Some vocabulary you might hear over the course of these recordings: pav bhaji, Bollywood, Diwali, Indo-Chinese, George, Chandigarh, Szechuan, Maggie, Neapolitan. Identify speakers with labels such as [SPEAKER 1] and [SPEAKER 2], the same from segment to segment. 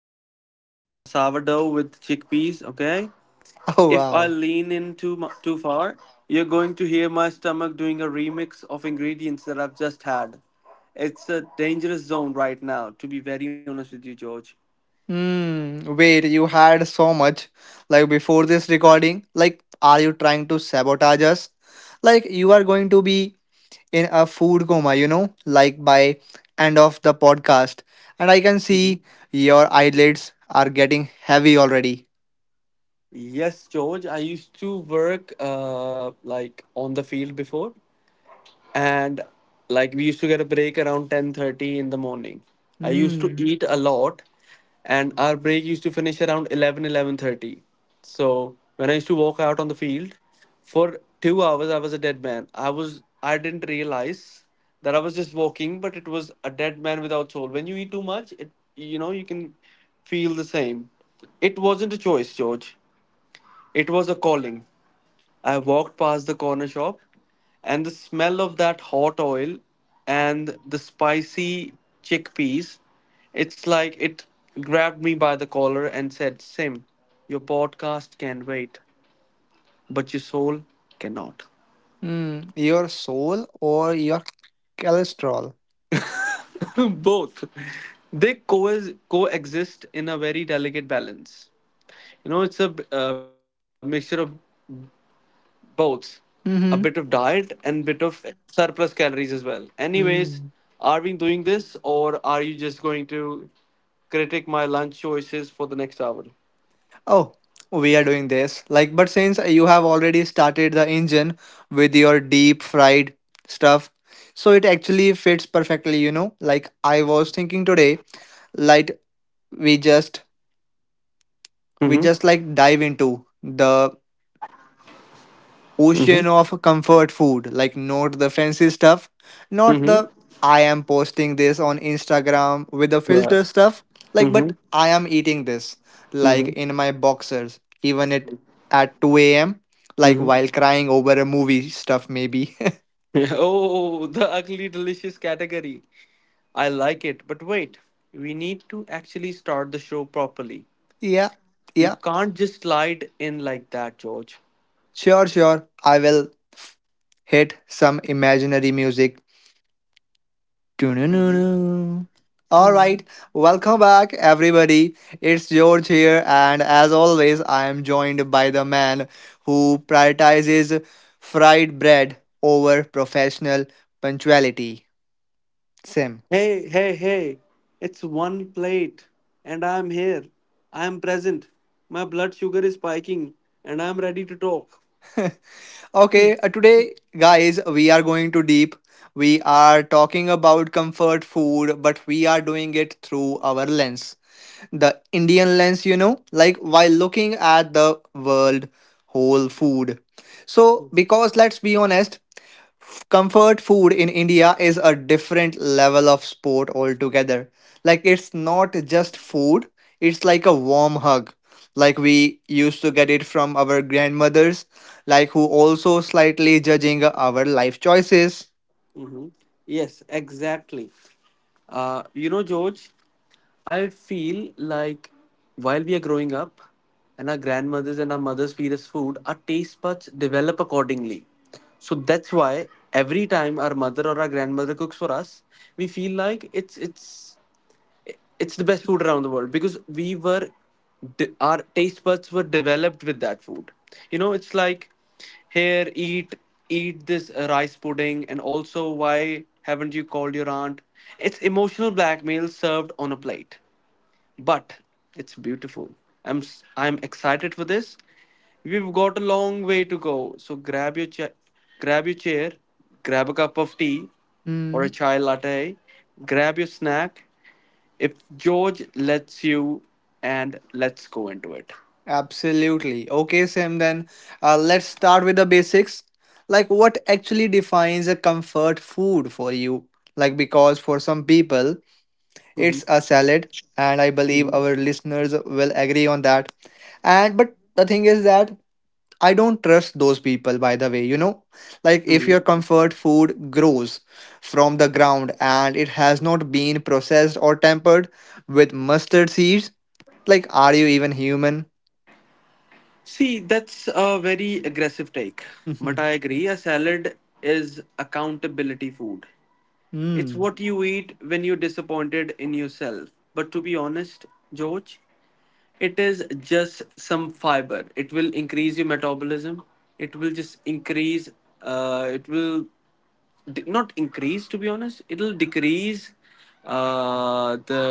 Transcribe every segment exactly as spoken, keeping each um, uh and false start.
[SPEAKER 1] you know, uh, a sourdough with chickpeas, okay?
[SPEAKER 2] Oh,
[SPEAKER 1] If I
[SPEAKER 2] wow.
[SPEAKER 1] lean in too mu- too far, you're going to hear my stomach doing a remix of ingredients that I've just had. It's a dangerous zone right now, to be very honest with you, George.
[SPEAKER 2] Hmm, wait, you had so much, like, before this recording? Like, are you trying to sabotage us? Like, you are going to be in a food coma, you know, like by end of the podcast. And I can
[SPEAKER 1] Mhm.
[SPEAKER 2] see your eyelids are getting heavy already.
[SPEAKER 1] Yes, George. I used to work uh like on the field before. And like we used to get a break around ten thirty in the morning. I used to
[SPEAKER 2] Mm.
[SPEAKER 1] eat a lot, and our break used to finish around eleven, eleven thirty. So when I used to walk out on the field for two hours, I was a dead man. i was I didn't realize that I was just walking, but it was a dead man without soul. When you eat too much, it you know you can feel the same. It wasn't a choice, George. It was a calling. I walked past the corner shop, and the smell of that hot oil and the spicy chickpeas, it's like it grabbed me by the collar and said, Sim, your podcast can wait, but your soul cannot.
[SPEAKER 2] Hmm, your soul or your cholesterol?
[SPEAKER 1] Both. They co- coexist in a very delicate balance. You know, it's a uh, mixture of both, a bit of diet
[SPEAKER 2] Mm-hmm.
[SPEAKER 1] and bit of surplus calories as well. Anyways,
[SPEAKER 2] Mm.
[SPEAKER 1] are we doing this, or are you just going to critique my lunch choices for the next hour.
[SPEAKER 2] Oh, we are doing this. Like, but since you have already started the engine with your deep fried stuff, so it actually fits perfectly, you know. Like I was thinking today, like we just we
[SPEAKER 3] Mm-hmm.
[SPEAKER 2] just like dive into the ocean
[SPEAKER 3] Mm-hmm.
[SPEAKER 2] of comfort food. Like, not the fancy stuff, not
[SPEAKER 3] Mm-hmm.
[SPEAKER 2] the I am posting this on Instagram with the
[SPEAKER 3] Yeah.
[SPEAKER 2] filter stuff. Like, but
[SPEAKER 3] Mm-hmm.
[SPEAKER 2] I am eating this, like
[SPEAKER 3] Mm-hmm.
[SPEAKER 2] in my boxers, even it at two a m, like
[SPEAKER 3] Mm-hmm.
[SPEAKER 2] while crying over a movie stuff, maybe.
[SPEAKER 3] Yeah. Oh, the ugly delicious category. I like it. But wait, we need to actually start the show properly.
[SPEAKER 2] yeah,
[SPEAKER 3] You
[SPEAKER 2] yeah,
[SPEAKER 3] can't just slide in like that, George.
[SPEAKER 2] sure, sure. I will f- hit some imaginary music.
[SPEAKER 3] Mm-hmm.
[SPEAKER 2] Doo-doo-doo-doo. All
[SPEAKER 3] Hmm.
[SPEAKER 2] right, welcome back, everybody. It's George here, and as always, I am joined by the man who prioritizes fried bread over professional punctuality, Sim.
[SPEAKER 3] Hey, hey, hey. It's one plate, and I'm here. I'm present. My blood sugar is spiking, and I'm ready to talk.
[SPEAKER 2] Okay, uh, today, guys, we are going to deep. We are talking about comfort food, but we are doing it through our lens, the Indian lens, you know, like while looking at the world whole food. So, because let's be honest, f- comfort food in India is a different level of sport altogether. Like, it's not just food, it's like a warm hug. Like, we used to get it from our grandmothers, like, who also slightly judging our life choices.
[SPEAKER 3] Yes, exactly. Uh, you know, George, I feel like while we are growing up and our grandmothers and our mothers feed us food, our taste buds develop accordingly. So that's why every time our mother or our grandmother cooks for us, we feel like it's it's it's the best food around the world because we were de- our taste buds were developed with that food. You know, it's like here eat eat this uh, rice pudding, and also why haven't you called your aunt? It's emotional blackmail served on a plate, but it's beautiful. I'm i i'm excited for this. We've got a long way to go, so grab your cha- grab your chair, grab a cup of tea or a chai latte, grab your snack if George lets you, and let's go into it.
[SPEAKER 2] Absolutely. Okay, Sim, then uh, let's start with the basics. Like, what actually defines a comfort food for you? Like, because for some people, it's a salad, and I believe our listeners will agree on that. And but the thing is that I don't trust those people, by the way, you know? Like, if
[SPEAKER 3] Mhm.
[SPEAKER 2] your comfort food grows from the ground and it has not been processed or tempered with mustard seeds, like, are you even human?
[SPEAKER 3] See, that's a very aggressive take. But I agree, a salad is accountability food. It's
[SPEAKER 2] Hmm.
[SPEAKER 3] what you eat when you're disappointed in yourself. But to be honest, George, it is just some fiber. It will increase your metabolism. It will just increase, uh, it will d- not increase, to be honest, it'll decrease uh the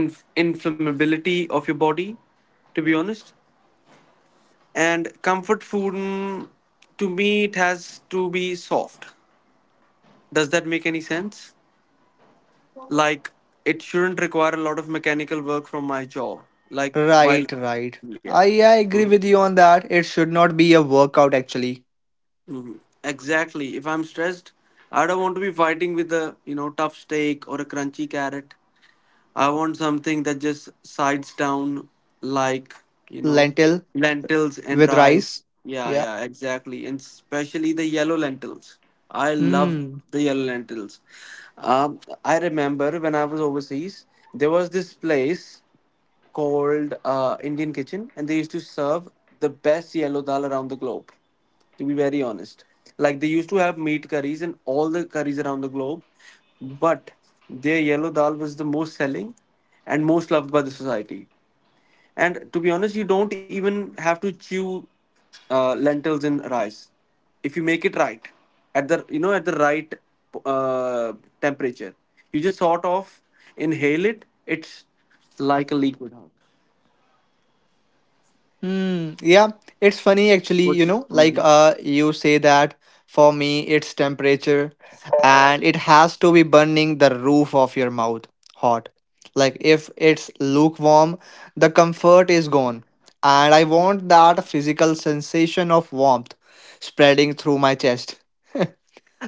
[SPEAKER 3] inf- inflammability of your body, to be honest. And comfort food, mm, to me, it has to be soft. Does that make any sense? Like, it shouldn't require a lot of mechanical work from my jaw. Like while
[SPEAKER 2] Right, right.
[SPEAKER 3] Yeah.
[SPEAKER 2] I, I agree with you on that. It should not be a workout actually.
[SPEAKER 3] Exactly. If I'm stressed, I don't want to be fighting with a, you know, tough steak or a crunchy carrot. I want something that just sides down, like, you know,
[SPEAKER 2] Lentil
[SPEAKER 3] lentils and
[SPEAKER 2] with
[SPEAKER 3] rice.
[SPEAKER 2] rice.
[SPEAKER 3] Yeah,
[SPEAKER 2] Yeah.
[SPEAKER 3] yeah, exactly. And especially the yellow lentils. I love
[SPEAKER 2] Hmm.
[SPEAKER 3] the yellow lentils. Um, I remember when I was overseas. There was this place called uh, Indian Kitchen, and they used to serve the best yellow dal around the globe. To be very honest, like, they used to have meat curries and all the curries around the globe, but their yellow dal was the most selling and most loved by the society. And to be honest, you don't even have to chew uh, lentils in rice if you make it right at the you know at the right uh, temperature. You just sort of inhale it. It's like a liquid.
[SPEAKER 2] Hmm. Yeah. It's funny actually, you
[SPEAKER 3] What's?
[SPEAKER 2] know, like uh you say that for me it's temperature and it has to be burning the roof of your mouth hot. Like if it's lukewarm, the comfort is gone. And I want that physical sensation of warmth spreading through my chest.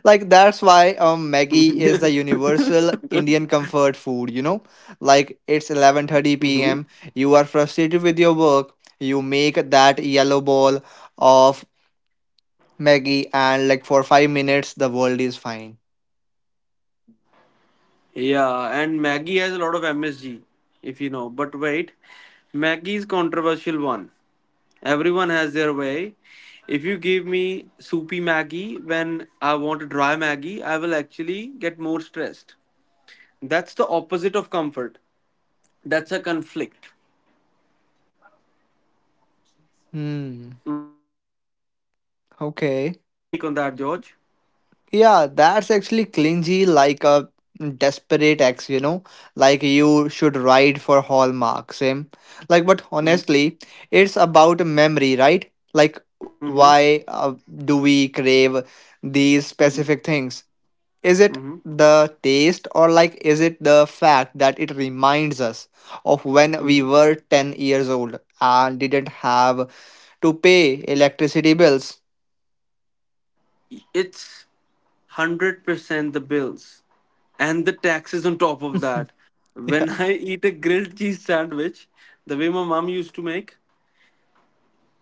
[SPEAKER 2] Like that's why um Maggie is the universal Indian comfort food, you know? Like it's 11:30
[SPEAKER 3] Hmm.
[SPEAKER 2] p.m. You are frustrated with your work. You make that yellow ball of Maggie and like for five minutes the world is fine.
[SPEAKER 3] Yeah, and Maggie has a lot of M S G, if you know. But wait, Maggie's controversial one. Everyone has their way. If you give me soupy Maggie when I want a dry Maggie, I will actually get more stressed. That's the opposite of comfort. That's a conflict.
[SPEAKER 2] Hmm.
[SPEAKER 3] What's your take on
[SPEAKER 2] Okay.
[SPEAKER 3] that, George?
[SPEAKER 2] Yeah, that's actually clingy, like a desperate ex, you know, like you should write for Hallmark, same. Like, but honestly,
[SPEAKER 3] Mm-hmm.
[SPEAKER 2] it's about memory, right? Like,
[SPEAKER 3] Mm-hmm.
[SPEAKER 2] why uh, do we crave these specific things? Is it
[SPEAKER 3] Mm-hmm.
[SPEAKER 2] the taste, or like, is it the fact that it reminds us of when
[SPEAKER 3] Mm-hmm.
[SPEAKER 2] we were ten years old and didn't have to pay electricity bills?
[SPEAKER 3] It's one hundred percent the bills and the taxes on top of that.
[SPEAKER 2] Yeah.
[SPEAKER 3] When I eat a grilled cheese sandwich, the way my mom used to make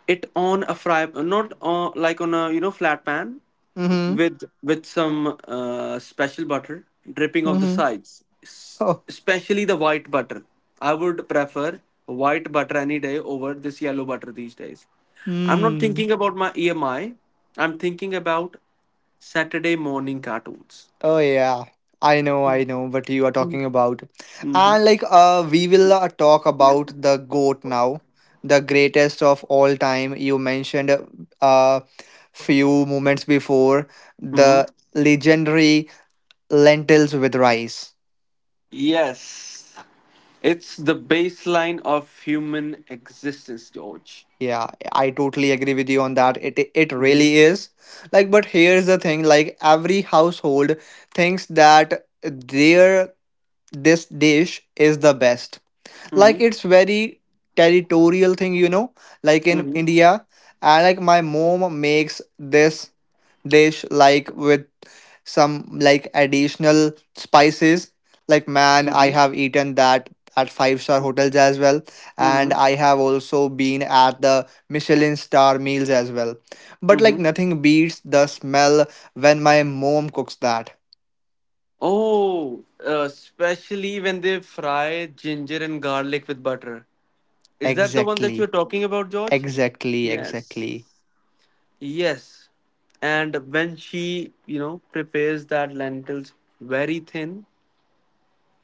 [SPEAKER 3] it on a fry, not on like on a you know flat pan
[SPEAKER 2] Mm-hmm.
[SPEAKER 3] with with some uh, special butter dripping off the
[SPEAKER 2] Mm-hmm.
[SPEAKER 3] sides, S- especially the white butter. I would prefer white butter any day over this yellow butter these days. I'm not
[SPEAKER 2] Hmm.
[SPEAKER 3] thinking about my E M I. I'm thinking about Saturday morning cartoons.
[SPEAKER 2] Oh yeah. I know, I know what you are talking about. And
[SPEAKER 3] Hmm.
[SPEAKER 2] like uh we will uh, talk about the goat now, the greatest of all time. You mentioned uh uh, few moments before
[SPEAKER 3] Hmm.
[SPEAKER 2] the legendary lentils with rice.
[SPEAKER 3] Yes. It's the baseline of human existence, George.
[SPEAKER 2] Yeah, I totally agree with you on that. It it
[SPEAKER 3] Hmm.
[SPEAKER 2] really is. Like but here's the thing, like every household thinks that their this dish is the best, like
[SPEAKER 3] Hmm.
[SPEAKER 2] it's very territorial thing, you know, like in
[SPEAKER 3] Hmm.
[SPEAKER 2] India. And like my mom makes this dish like with some like additional spices. Like,
[SPEAKER 3] Hmm.
[SPEAKER 2] man, I have eaten that at five star hotels as well,
[SPEAKER 3] Hmm.
[SPEAKER 2] and I have also been at the Michelin star meals as well, but like
[SPEAKER 3] Hmm.
[SPEAKER 2] nothing beats the smell when my mom cooks that.
[SPEAKER 3] Oh, uh, especially when they fry ginger and garlic with butter. Is that the one that you're
[SPEAKER 2] exactly
[SPEAKER 3] talking about, George?
[SPEAKER 2] exactly
[SPEAKER 3] Yes.
[SPEAKER 2] exactly
[SPEAKER 3] Yes. And when she, you know, prepares that lentils very thin,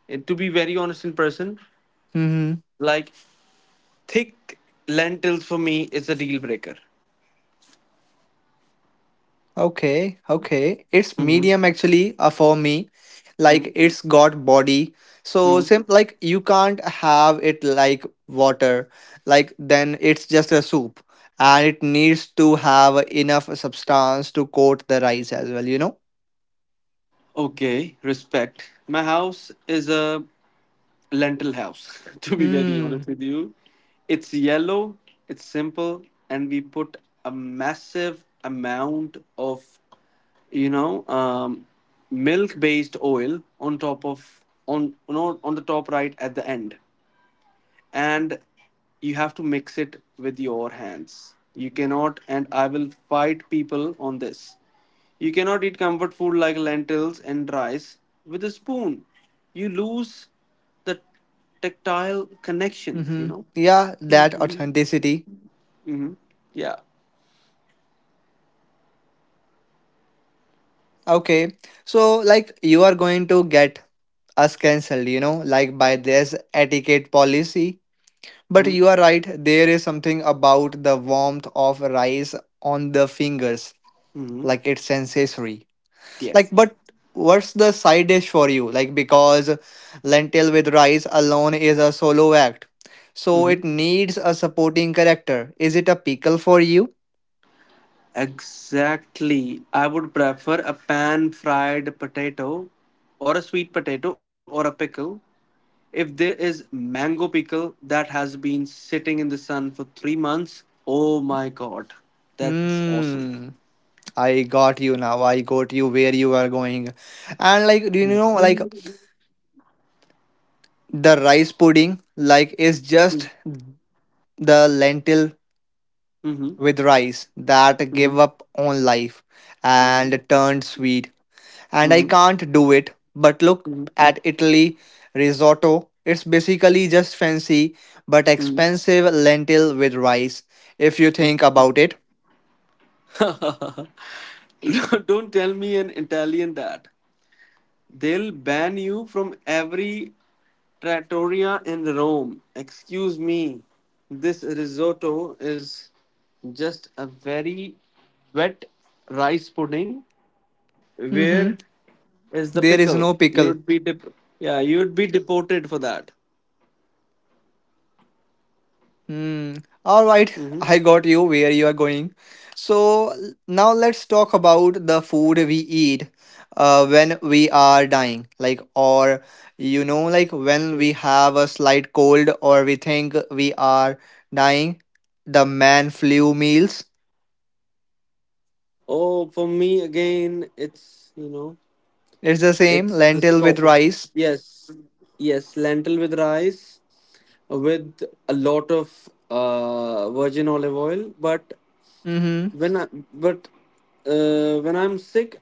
[SPEAKER 3] and to be very honest in person.
[SPEAKER 2] Hmm.
[SPEAKER 3] Like, thick lentils for me is a deal breaker.
[SPEAKER 2] Okay, okay. It's
[SPEAKER 3] Mm-hmm.
[SPEAKER 2] medium actually uh, for me.
[SPEAKER 3] Hmm.
[SPEAKER 2] Like it's got body. So
[SPEAKER 3] Hmm.
[SPEAKER 2] Sim, like you can't have it like water. Like then it's just a soup, and it needs to have enough substance to coat the rice as well, you know?
[SPEAKER 3] Okay, respect. My house is a lentil house, to be very
[SPEAKER 2] Hmm.
[SPEAKER 3] honest with you. It's yellow, it's simple, and we put a massive amount of, you know, um, milk-based oil on top of on you know, on the top right at the end. And you have to mix it with your hands. You cannot, and I will fight people on this. You cannot eat comfort food like lentils and rice with a spoon. You lose the tactile connection, you
[SPEAKER 2] Mm-hmm.
[SPEAKER 3] know?
[SPEAKER 2] Yeah, that authenticity.
[SPEAKER 3] Mm-hmm. Yeah.
[SPEAKER 2] Okay. So like you are going to get us cancelled, you know, like by this etiquette policy. But
[SPEAKER 3] Mm-hmm.
[SPEAKER 2] you are right, there is something about the warmth of rice on the fingers,
[SPEAKER 3] Mm-hmm.
[SPEAKER 2] like it's sensory. Like,
[SPEAKER 3] Yes.
[SPEAKER 2] but what's the side dish for you? Like, because lentil with rice alone is a solo act, so it
[SPEAKER 3] Mm-hmm.
[SPEAKER 2] needs a supporting character. Is it a pickle for you?
[SPEAKER 3] Exactly. I would prefer a pan fried potato or a sweet potato or a pickle. If there is mango pickle that has been sitting in the sun for three months, oh my god, that's awesome.
[SPEAKER 2] Hmm. I got you now. I got you where you are going. And like, do you know, like
[SPEAKER 3] Mm-hmm.
[SPEAKER 2] the rice pudding, like, is just the lentil
[SPEAKER 3] Mm-hmm.
[SPEAKER 2] with rice that gave
[SPEAKER 3] Mm-hmm.
[SPEAKER 2] up on life and turned sweet, and I
[SPEAKER 3] Mm-hmm.
[SPEAKER 2] can't do it. But look at Italy risotto. It's basically just fancy but
[SPEAKER 3] Mm-hmm.
[SPEAKER 2] expensive lentil with rice if you think about it.
[SPEAKER 3] Mm-hmm. Don't don't tell me an Italian that. They'll ban you from every trattoria in Rome. Excuse me. This risotto is just a very wet rice pudding.
[SPEAKER 2] Mhm.
[SPEAKER 3] Where is the
[SPEAKER 2] There is
[SPEAKER 3] pickle?
[SPEAKER 2] no pickle.
[SPEAKER 3] You'd be dep- yeah, you'd be deported for that.
[SPEAKER 2] Hmm. All right,
[SPEAKER 3] Hmm.
[SPEAKER 2] I got you where you are going. So l- now let's talk about the food we eat uh, when we are dying, like, or you know, like when
[SPEAKER 3] Hmm.
[SPEAKER 2] we have a slight cold or we think we are dying. The man flu meals.
[SPEAKER 3] Oh, for me again, it's you know,
[SPEAKER 2] It's the same
[SPEAKER 3] it's the
[SPEAKER 2] lentil with
[SPEAKER 3] sauce.
[SPEAKER 2] rice.
[SPEAKER 3] Yes, yes, lentil with rice, with a lot of uh, virgin olive oil. But
[SPEAKER 2] Mm-hmm.
[SPEAKER 3] when I but uh, when I'm sick,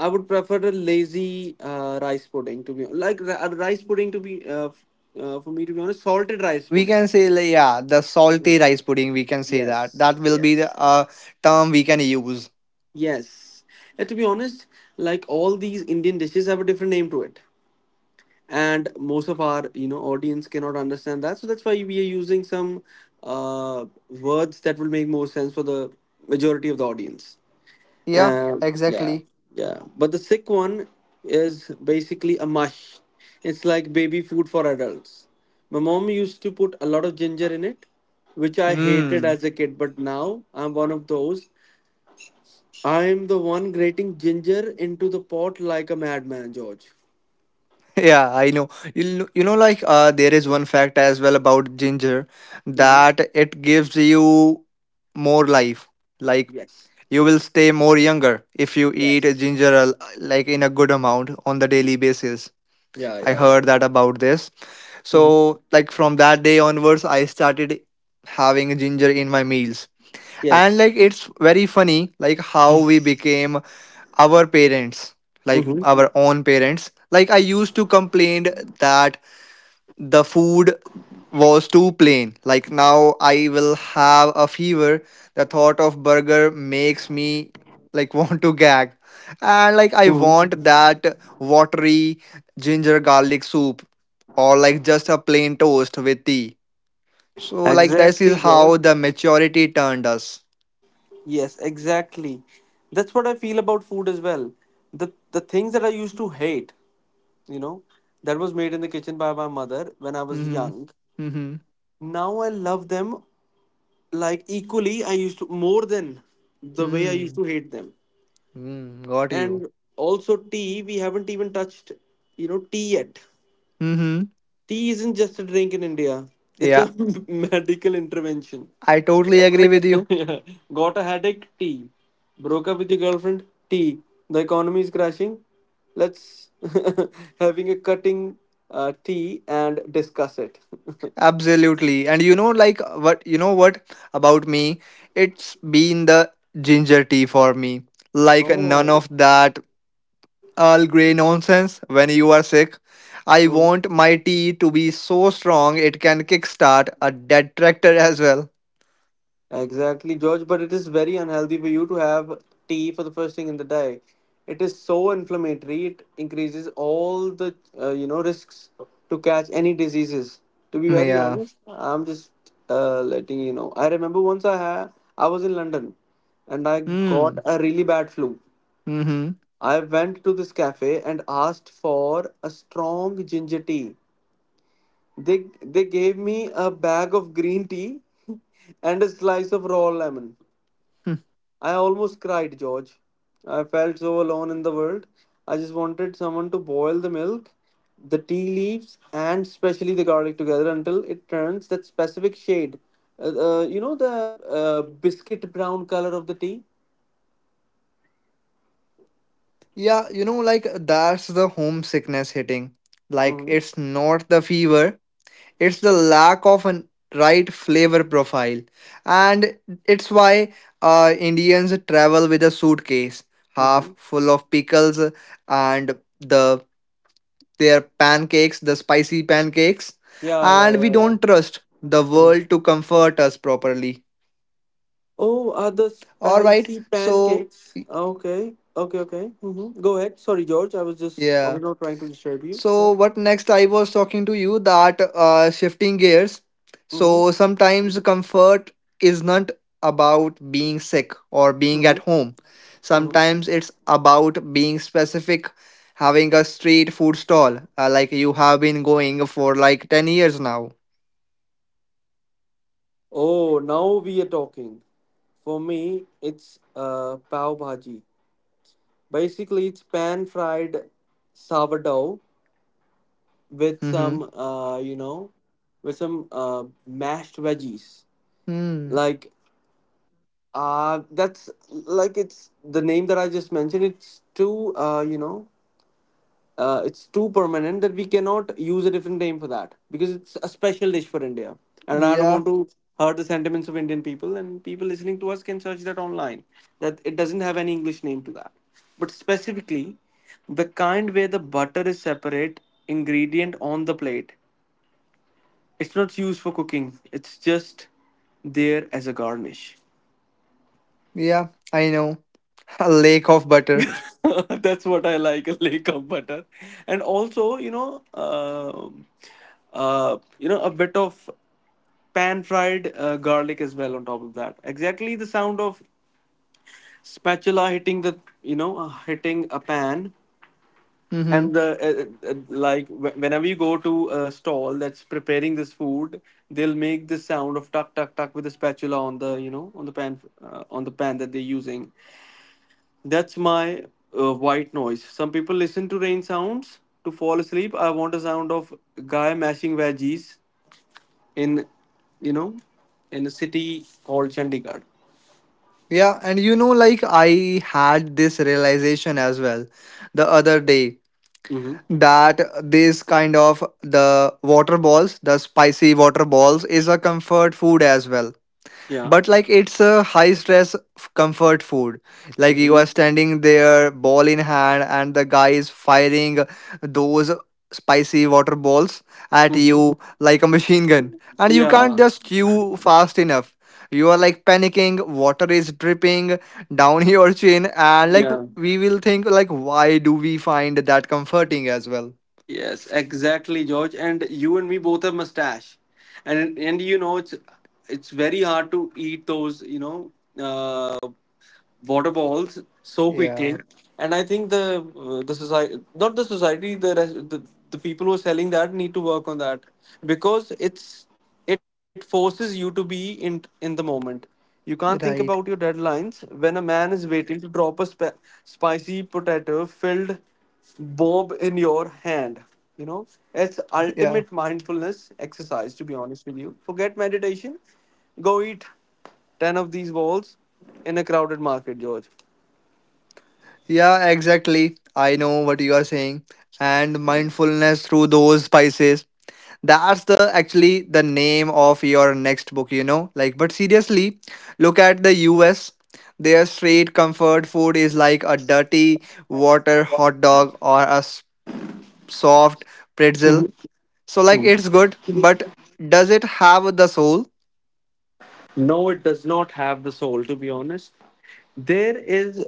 [SPEAKER 3] I would prefer a lazy uh, rice pudding to be like ri- a rice pudding to be uh, f- uh, for me to be honest, salted rice
[SPEAKER 2] We
[SPEAKER 3] pudding.
[SPEAKER 2] can say, like, yeah, the salty rice pudding. We can say that.
[SPEAKER 3] Yes,
[SPEAKER 2] That will be the
[SPEAKER 3] yes,
[SPEAKER 2] uh, term we can use.
[SPEAKER 3] yes. And to be honest, like, all these Indian dishes have a different name to it, and most of our you know audience cannot understand that. So that's why we are using some uh, words that will make more sense for the majority of the audience.
[SPEAKER 2] Yeah,
[SPEAKER 3] Um, yeah,
[SPEAKER 2] exactly.
[SPEAKER 3] yeah. But the sick one is basically a mush. It's like baby food for adults. My mom used to put a lot of ginger in it, which I hated
[SPEAKER 2] Hmm.
[SPEAKER 3] as a kid, but now I'm one of those I'm the one grating ginger into the pot like a madman, George.
[SPEAKER 2] Yeah, I know. You know, you know, like uh, there is one fact as well about ginger
[SPEAKER 3] Mm-hmm.
[SPEAKER 2] that it gives you more life. Like
[SPEAKER 3] Yes.
[SPEAKER 2] you will stay more younger if you eat a
[SPEAKER 3] Yes.
[SPEAKER 2] ginger al- like in a good amount on the daily basis.
[SPEAKER 3] Yeah,
[SPEAKER 2] I
[SPEAKER 3] yeah, yeah.
[SPEAKER 2] heard that about this.
[SPEAKER 3] Mm-hmm.
[SPEAKER 2] So, like from that day onwards, I started having ginger in my meals, and
[SPEAKER 3] Yes.
[SPEAKER 2] like it's very funny like how we became our parents, like
[SPEAKER 3] Mm-hmm.
[SPEAKER 2] our own parents. Like I used to complain that the food was too plain. Like now I will have a fever, the thought of burger makes me like want to gag, and like I
[SPEAKER 3] Hmm.
[SPEAKER 2] want that watery ginger garlic soup or like just a plain toast with tea. So like this is
[SPEAKER 3] Exactly, George.
[SPEAKER 2] how the maturity turned us.
[SPEAKER 3] Yes, exactly. That's what I feel about food as well. The the things that I used to hate, you know, that was made in the kitchen by my mother when I was
[SPEAKER 2] Mhm.
[SPEAKER 3] young.
[SPEAKER 2] Mhm.
[SPEAKER 3] Now I love them, like, equally. I used to more than the way I used
[SPEAKER 2] Mm.
[SPEAKER 3] to hate them.
[SPEAKER 2] Mm. Got you.
[SPEAKER 3] And also, tea, we haven't even touched you know tea yet.
[SPEAKER 2] Mhm.
[SPEAKER 3] Tea isn't just a drink in India. It's a
[SPEAKER 2] Yeah,
[SPEAKER 3] medical intervention.
[SPEAKER 2] I totally agree with you.
[SPEAKER 3] Yeah. Got a headache, tea. Broke up with your girlfriend, tea. The economy is crashing, let's having a cutting uh, tea and discuss it.
[SPEAKER 2] Absolutely. And you know, like what you know what about me? It's been the ginger tea for me. Like none
[SPEAKER 3] Oh.
[SPEAKER 2] of that Earl Grey nonsense when you are sick. I want my tea to be so strong it can kickstart a dead tractor as well.
[SPEAKER 3] Exactly, George, but it is very unhealthy for you to have tea for the first thing in the day. It is so inflammatory, it increases all the uh, you know risks to catch any diseases. To be very
[SPEAKER 2] Yeah.
[SPEAKER 3] honest, I'm just uh, letting you know. I remember once I had I was in London, and I
[SPEAKER 2] Mm.
[SPEAKER 3] got a really bad flu.
[SPEAKER 2] Mhm.
[SPEAKER 3] I went to this cafe and asked for a strong ginger tea. They they gave me a bag of green tea and a slice of raw lemon. I almost cried, George. I felt so alone in the world. I just wanted someone to boil the milk, the tea leaves, and especially the garlic together until it turns that specific shade. Uh, uh, you know the uh, biscuit brown color of the tea?
[SPEAKER 2] Yeah, you know, like that's the homesickness hitting. Like
[SPEAKER 3] Mm-hmm.
[SPEAKER 2] it's not the fever, it's the lack of a right flavor profile. And it's why uh, Indians travel with a suitcase half
[SPEAKER 3] Mm-hmm.
[SPEAKER 2] full of pickles and the their pancakes, the spicy pancakes.
[SPEAKER 3] Yeah, yeah,
[SPEAKER 2] And we
[SPEAKER 3] yeah, yeah.
[SPEAKER 2] don't trust the
[SPEAKER 3] Mhm.
[SPEAKER 2] world to comfort us properly.
[SPEAKER 3] Oh, are the
[SPEAKER 2] All right.
[SPEAKER 3] spicy
[SPEAKER 2] So,
[SPEAKER 3] pancakes? Okay, okay, okay. Mm-hmm. Go ahead. Sorry, George. I was just, I
[SPEAKER 2] yeah.
[SPEAKER 3] was not trying to disturb you.
[SPEAKER 2] So
[SPEAKER 3] Yeah.
[SPEAKER 2] what next? I was talking to you that uh, shifting gears.
[SPEAKER 3] Mm-hmm.
[SPEAKER 2] So sometimes comfort is not about being sick or being
[SPEAKER 3] Mm-hmm.
[SPEAKER 2] at home.
[SPEAKER 3] Mm-hmm.
[SPEAKER 2] Sometimes it's about being specific, having a street food stall uh, like you have been going for like ten years now.
[SPEAKER 3] Oh, now we are talking. For me, it's uh, pav bhaji. Basically, it's pan fried sourdough with
[SPEAKER 2] Mm-hmm.
[SPEAKER 3] some, uh, you know, with some uh, mashed veggies.
[SPEAKER 2] Hmm.
[SPEAKER 3] Like, uh, that's like it's the name that I just mentioned. It's too, uh, you know. Uh, it's too permanent that we cannot use a different name for that because it's a special dish for India. And I don't
[SPEAKER 2] Yeah.
[SPEAKER 3] want to hurt the sentiments of Indian people. And people listening to us can search that online. That it doesn't have any English name to that. But specifically, the kind where the butter is separate ingredient on the plate. It's not used for cooking. It's just there as a garnish.
[SPEAKER 2] Yeah. I know. A lake of butter.
[SPEAKER 3] That's what I like, a lake of butter, and also, you know, um uh, you know a bit of pan fried uh, garlic as well on top of that. Exactly, the sound of spatula hitting the you know uh, hitting a pan,
[SPEAKER 2] Mm-hmm.
[SPEAKER 3] and the uh, uh, like wh- whenever you go to a stall that's preparing this food, they'll make this sound of tuck tuck tuck with the spatula on the you know on the pan uh, on the pan that they're using. That's my uh, white noise. Some people listen to rain sounds to fall asleep, I want a sound of guy mashing veggies in you know in a city called Chandigarh.
[SPEAKER 2] Yeah, and you know, like I had this realization as well the other day
[SPEAKER 3] Mhm.
[SPEAKER 2] that this kind of the water balls, the spicy water balls, is a comfort food as well,
[SPEAKER 3] Yeah.
[SPEAKER 2] but like it's a high stress f- comfort food. Like you
[SPEAKER 3] Mhm.
[SPEAKER 2] are standing there, ball in hand, and the guy is firing those spicy water balls at
[SPEAKER 3] Mhm.
[SPEAKER 2] you like a machine gun, and you can't
[SPEAKER 3] Yeah.
[SPEAKER 2] just chew fast enough. You are like panicking, water is dripping down your chin, and like
[SPEAKER 3] Yeah.
[SPEAKER 2] we will think like why do we find that comforting as well.
[SPEAKER 3] Yes, exactly, George. And you and me both have mustache, and and you know it's it's very hard to eat those you know uh, water balls so
[SPEAKER 2] Yeah,
[SPEAKER 3] quickly. And I think the uh, the society, not the society, the, rest, the the people who are selling that need to work on that because it's it forces you to be in in the moment. You can't think about your
[SPEAKER 2] right.
[SPEAKER 3] deadlines when a man is waiting to drop a spe- spicy potato filled bob in your hand you know it's
[SPEAKER 2] Yeah.
[SPEAKER 3] ultimate mindfulness exercise, to be honest with you. Forget meditation. Go eat ten of these balls in a crowded market, George.
[SPEAKER 2] Yeah, exactly. I know what you are saying. And mindfulness through those spices. That's the actually the name of your next book, you know? Like, but seriously, look at the U S. Their straight comfort food is like a dirty water hot dog or a s- soft pretzel. So, like, it's good, but does it have the soul?
[SPEAKER 3] No, it does not have the soul, to be honest. There is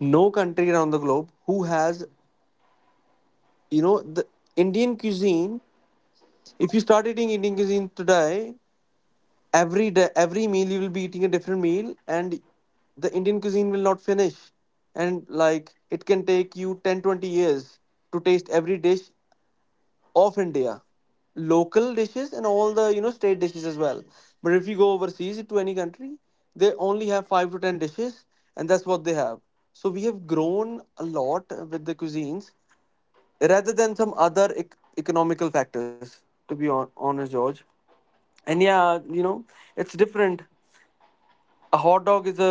[SPEAKER 3] no country around the globe who has you know the Indian cuisine. If you start eating Indian cuisine today, every day, every meal, you will be eating a different meal, and the Indian cuisine will not finish. And like, it can take you ten, twenty years to taste every dish of India, local dishes and all the you know state dishes as well. But if you go overseas to any country, they only have five to ten dishes, and that's what they have. So we have grown a lot with the cuisines rather than some other ec- economical factors, to be hon- honest, George. And yeah, you know it's different. A hot dog is a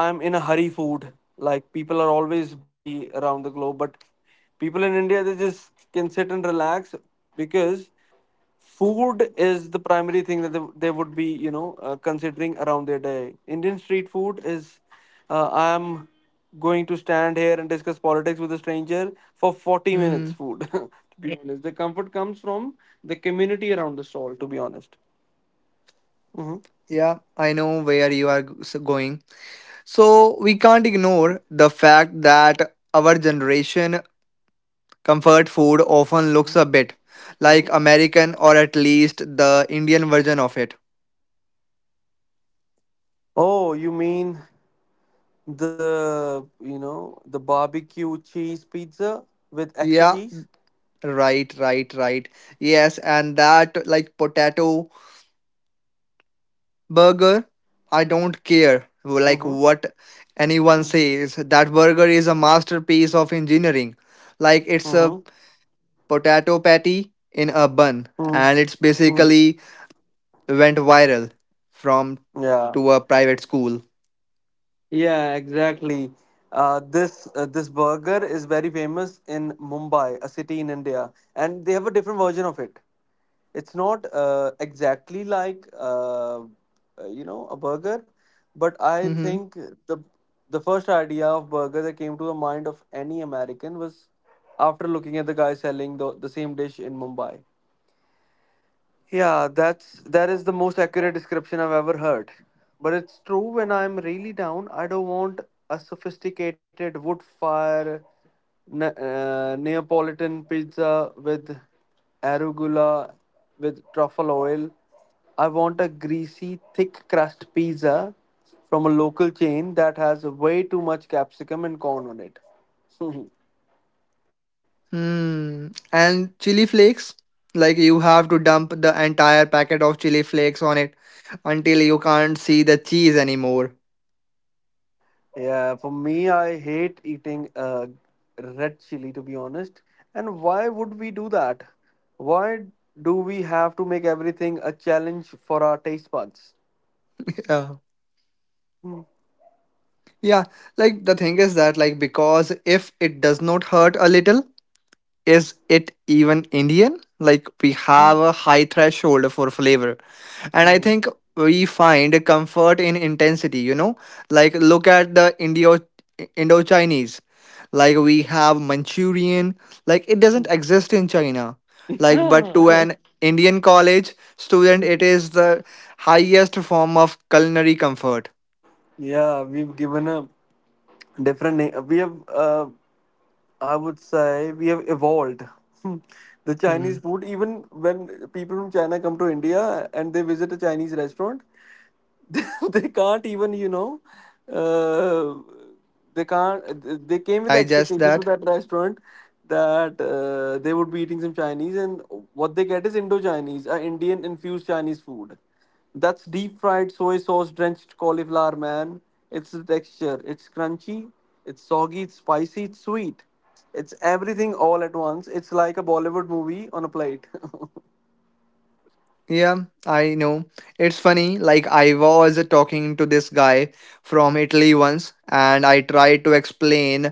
[SPEAKER 3] I'm in a hurry food. Like, people are always busy around the globe, but people in India, they just can sit and relax because food is the primary thing that they, they would be you know uh, considering around their day. Indian street food is uh, I am going to stand here and discuss politics with a stranger for forty
[SPEAKER 2] Mm-hmm.
[SPEAKER 3] minutes food. To be, yeah, honest, the comfort comes from the community around the stall, to be honest. Hmm.
[SPEAKER 2] Yeah, I know where you are g- s- going. So we can't ignore the fact that our generation comfort food often looks a bit
[SPEAKER 3] Hmm.
[SPEAKER 2] like American or at least the Indian version of it.
[SPEAKER 3] Oh, you mean the you know the barbecue cheese pizza with extra
[SPEAKER 2] Yeah,
[SPEAKER 3] cheese?
[SPEAKER 2] right, right, right. Yes, and that like potato burger, I don't care like
[SPEAKER 3] Mm-hmm.
[SPEAKER 2] what
[SPEAKER 3] Mm-hmm.
[SPEAKER 2] anyone says. That burger is a masterpiece of engineering. Like it's a
[SPEAKER 3] Mm-hmm.
[SPEAKER 2] potato patty in a bun, and it's
[SPEAKER 3] Mm-hmm.
[SPEAKER 2] basically went viral from
[SPEAKER 3] Yeah.
[SPEAKER 2] to a private school.
[SPEAKER 3] Yeah, exactly. Uh, this uh, this burger is very famous in Mumbai, a city in India, and they have a different version of it. It's not uh, exactly like uh, uh, you know a burger, but I
[SPEAKER 2] Mm-hmm.
[SPEAKER 3] think the the first idea of burger that came to the mind of any American was after looking at the guy selling the, the same dish in Mumbai. Yeah, that's that is the most accurate description I've ever heard. But it's true, when I'm really down, I don't want a sophisticated wood fire ne- uh, Neapolitan pizza with arugula with truffle oil. I want a greasy, thick crust pizza from a local chain that has way too much capsicum and corn on it.
[SPEAKER 2] Hmm. And chili flakes, like you have to dump the entire packet of chili flakes on it until you can't see the cheese anymore.
[SPEAKER 3] Yeah, for me, I hate eating uh, red chili, to be honest. And why would we do that? Why do we have to make everything a challenge for our taste buds?
[SPEAKER 2] Yeah. Yeah, like the thing is that like because if it does not hurt a little, is it even Indian? Like we
[SPEAKER 3] Mm-hmm.
[SPEAKER 2] have a high threshold for flavor. And I think we find comfort in intensity you know Like look at the indo indo chinese Like we have Manchurian, like it doesn't exist in China. Like but to
[SPEAKER 3] Mhm.
[SPEAKER 2] an Indian college student, it is the highest form of culinary comfort.
[SPEAKER 3] Yeah, we've given a different name. We have, uh, I would say, we have evolved. Hmm. The
[SPEAKER 2] Hmm.
[SPEAKER 3] Chinese food, even when people from China come to India and they visit a Chinese restaurant, they can't even you know uh, they can't they came with the
[SPEAKER 2] Digest
[SPEAKER 3] expectations to
[SPEAKER 2] that.
[SPEAKER 3] that restaurant that uh, they would be eating some Chinese. And what they get is Indo Chinese, uh, Indian infused Chinese food. That's deep fried soy sauce drenched cauliflower, man. It's the texture. It's crunchy, it's soggy, it's spicy, it's sweet. It's everything all at once. It's like a Bollywood movie on a plate.
[SPEAKER 2] Yeah, I know, it's funny, like I was talking to this guy from Italy once and I tried to explain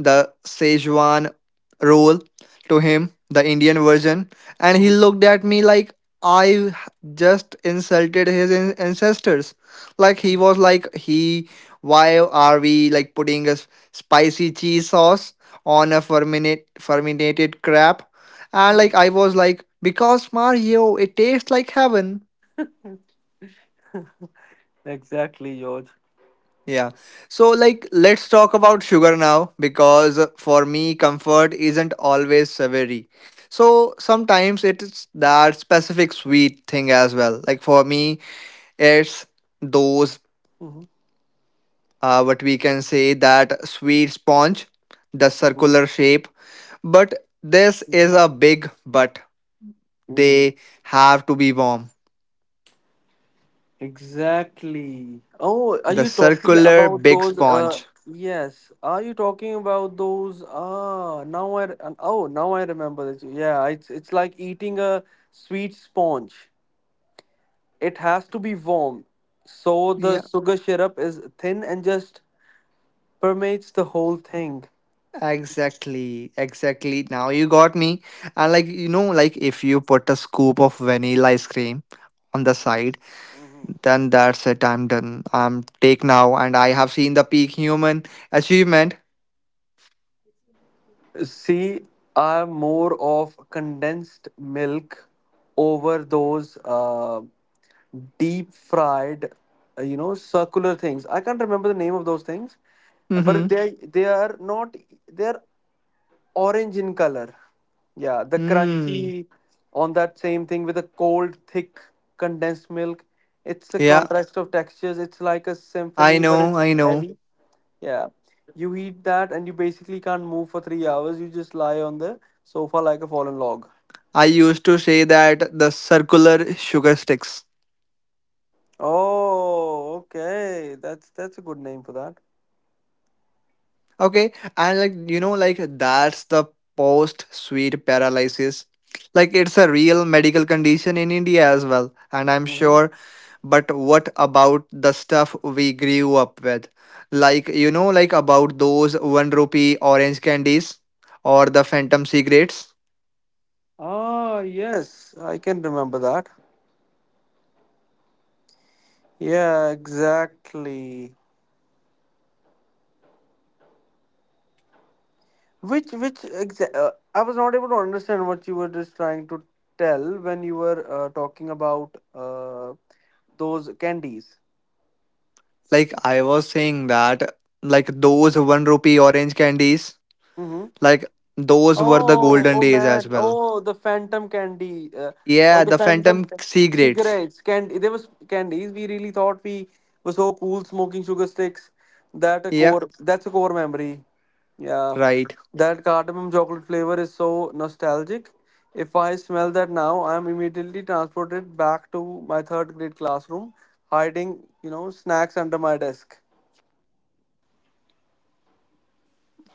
[SPEAKER 2] the Szechuan roll to him, the Indian version, and he
[SPEAKER 3] Mhm.
[SPEAKER 2] looked at me like I just insulted his an- ancestors. Like he was like, he, why are we like putting a s- spicy cheese sauce on a fermented fermented crab? And like I was like, because Mario, it tastes like heaven.
[SPEAKER 3] Exactly, George.
[SPEAKER 2] Yeah. So, like, let's talk about sugar now because for me, comfort isn't always savory. So, sometimes it's that specific sweet thing as well. Like, for me, it's those,
[SPEAKER 3] Hmm.
[SPEAKER 2] uh, what we can say, that sweet sponge, the
[SPEAKER 3] Hmm.
[SPEAKER 2] circular shape. But this is a big but.
[SPEAKER 3] Hmm.
[SPEAKER 2] They have to be warm.
[SPEAKER 3] Exactly. Oh, are
[SPEAKER 2] The
[SPEAKER 3] you talking
[SPEAKER 2] circular
[SPEAKER 3] about
[SPEAKER 2] big
[SPEAKER 3] those? Uh,
[SPEAKER 2] sponge.
[SPEAKER 3] yes. Are you talking about those? Ah, now I. re- and- Oh, now I remember that. Yeah, it's it's like eating a sweet sponge. It has to be warm, so the
[SPEAKER 2] Yeah.
[SPEAKER 3] sugar syrup is thin and just permeates the whole thing.
[SPEAKER 2] Exactly, exactly. Now you got me. And like you know, like if you put a scoop of vanilla ice cream on the side, then that's it. I'm done. I'm take now, and I have seen the peak human achievement.
[SPEAKER 3] See, I'm more of condensed milk over those. Uh, deep fried, uh, you know, circular things. I can't remember the name of those things,
[SPEAKER 2] Mm-hmm.
[SPEAKER 3] but they they are not they are orange in color. Yeah, the
[SPEAKER 2] Mm.
[SPEAKER 3] crunchy on that same thing with a cold, thick condensed milk. It's a
[SPEAKER 2] Yeah,
[SPEAKER 3] contrast of textures. It's like a
[SPEAKER 2] I
[SPEAKER 3] symphony, but
[SPEAKER 2] know,
[SPEAKER 3] it's
[SPEAKER 2] I know.
[SPEAKER 3] heavy. Yeah. You eat that and you basically can't move for three hours. You just lie on the sofa like a fallen log.
[SPEAKER 2] I used to say that the circular sugar sticks.
[SPEAKER 3] Oh, okay. That's that's a good name for that.
[SPEAKER 2] Okay, and like you know, like that's the post sweet paralysis. Like it's a real medical condition in India as well, and I'm
[SPEAKER 3] Mm-hmm.
[SPEAKER 2] sure. But what about the stuff we grew up with? Like, you know, like about those one rupee orange candies or the phantom cigarettes?
[SPEAKER 3] Ah, yes, I can remember that. Yeah, exactly. Which, which, exa- uh, I was not able to understand what you were just trying to tell when you were uh, talking about uh, those candies.
[SPEAKER 2] Like, I was saying that, like, those one rupee orange candies,
[SPEAKER 3] Mm-hmm.
[SPEAKER 2] like, those were the
[SPEAKER 3] Oh,
[SPEAKER 2] golden
[SPEAKER 3] oh
[SPEAKER 2] days as
[SPEAKER 3] man.
[SPEAKER 2] well.
[SPEAKER 3] Oh, the phantom candy. Uh, oh,
[SPEAKER 2] Yeah,
[SPEAKER 3] the
[SPEAKER 2] the
[SPEAKER 3] phantom
[SPEAKER 2] Phantom cigarettes.
[SPEAKER 3] cigarettes. Candy. There was candies. We really thought we were so cool smoking sugar sticks. That a
[SPEAKER 2] Yeah,
[SPEAKER 3] core. That's a core memory. Yeah,
[SPEAKER 2] right.
[SPEAKER 3] that cardamom chocolate flavor is so nostalgic. If I smell that now, I'm immediately transported back to my third grade classroom, hiding, you know, snacks under my desk.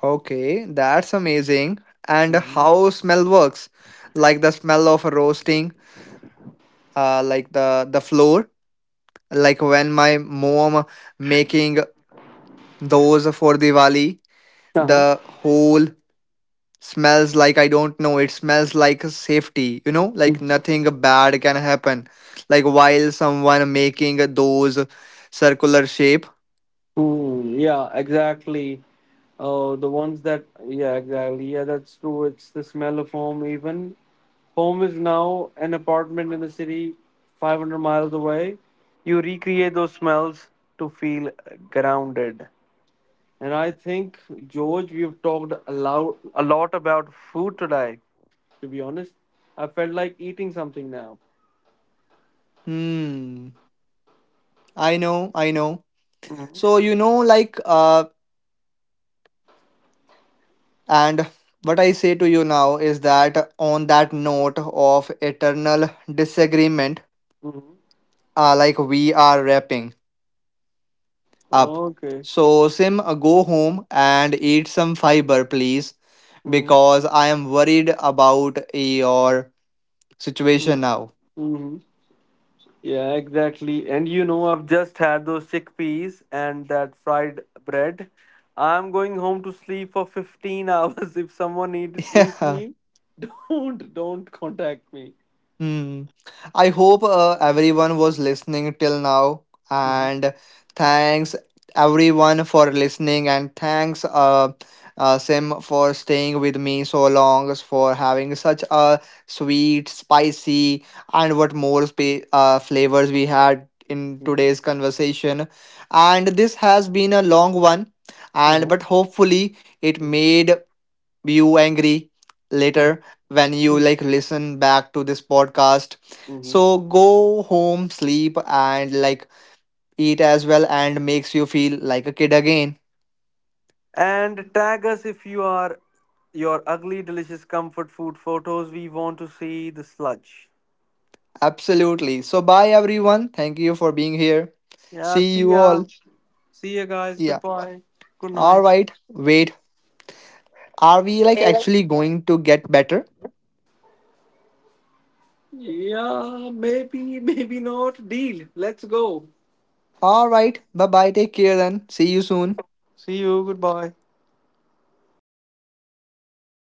[SPEAKER 2] Okay, that's amazing. And
[SPEAKER 3] Mhm.
[SPEAKER 2] how smell works? Like the smell of roasting, uh, like the the floor. Like when my mom making those for Diwali,
[SPEAKER 3] Uh-huh.
[SPEAKER 2] the whole smells like I don't know. It smells like safety. You know, like nothing bad can happen. Like while someone making those circular shape.
[SPEAKER 3] Mm, yeah, exactly. Oh, the ones that, yeah, exactly. Yeah, that's true. It's the smell of home. Even home is now an apartment in the city, five hundred miles away. You recreate those smells to feel grounded. And I think, George, we've talked a lot, a lot about food today. To be honest, I felt like eating something now.
[SPEAKER 2] Hmm. I know. I know. So
[SPEAKER 3] Hmm.
[SPEAKER 2] you know, like, uh, and what I say to you now is that on that note of eternal disagreement,
[SPEAKER 3] Hmm.
[SPEAKER 2] uh, like we are wrapping up.
[SPEAKER 3] Okay.
[SPEAKER 2] So Sim, uh, go home and eat some fiber, please,
[SPEAKER 3] Mm-hmm.
[SPEAKER 2] because I am worried about your situation now.
[SPEAKER 3] Mm-hmm. Yeah, exactly. And you know, I've just had those chickpeas and that fried bread. I'm going home to sleep for fifteen hours. If someone need, needs me, don't don't contact me.
[SPEAKER 2] Hmm. I hope uh, everyone was listening till now.
[SPEAKER 3] Mm-hmm.
[SPEAKER 2] And thanks everyone for listening. And thanks, uh, uh, Sim, for staying with me so long, for having such a sweet, spicy, and what more spa- uh, flavors we had in
[SPEAKER 3] Mm-hmm.
[SPEAKER 2] today's conversation. And this has been a long one. And
[SPEAKER 3] Uh-huh.
[SPEAKER 2] but hopefully it
[SPEAKER 3] Mm-hmm.
[SPEAKER 2] made you angry later when you
[SPEAKER 3] Mm-hmm.
[SPEAKER 2] like listen back to this podcast.
[SPEAKER 3] Mm-hmm.
[SPEAKER 2] So go home, sleep, and like eat as well and makes you feel like a kid again.
[SPEAKER 3] And tag us if you are your ugly, delicious comfort food photos. We want to see the sludge.
[SPEAKER 2] Absolutely. So bye everyone, thank you for being here.
[SPEAKER 3] Yeah,
[SPEAKER 2] See
[SPEAKER 3] see
[SPEAKER 2] you
[SPEAKER 3] ya.
[SPEAKER 2] all.
[SPEAKER 3] See ya, guys.
[SPEAKER 2] Yeah.
[SPEAKER 3] Goodbye. Good
[SPEAKER 2] All
[SPEAKER 3] night.
[SPEAKER 2] right, wait, are we like actually going to get better?
[SPEAKER 3] Yeah, maybe, maybe not. Deal. Let's go.
[SPEAKER 2] All right, bye bye, take care then, see you soon.
[SPEAKER 3] See you. Goodbye.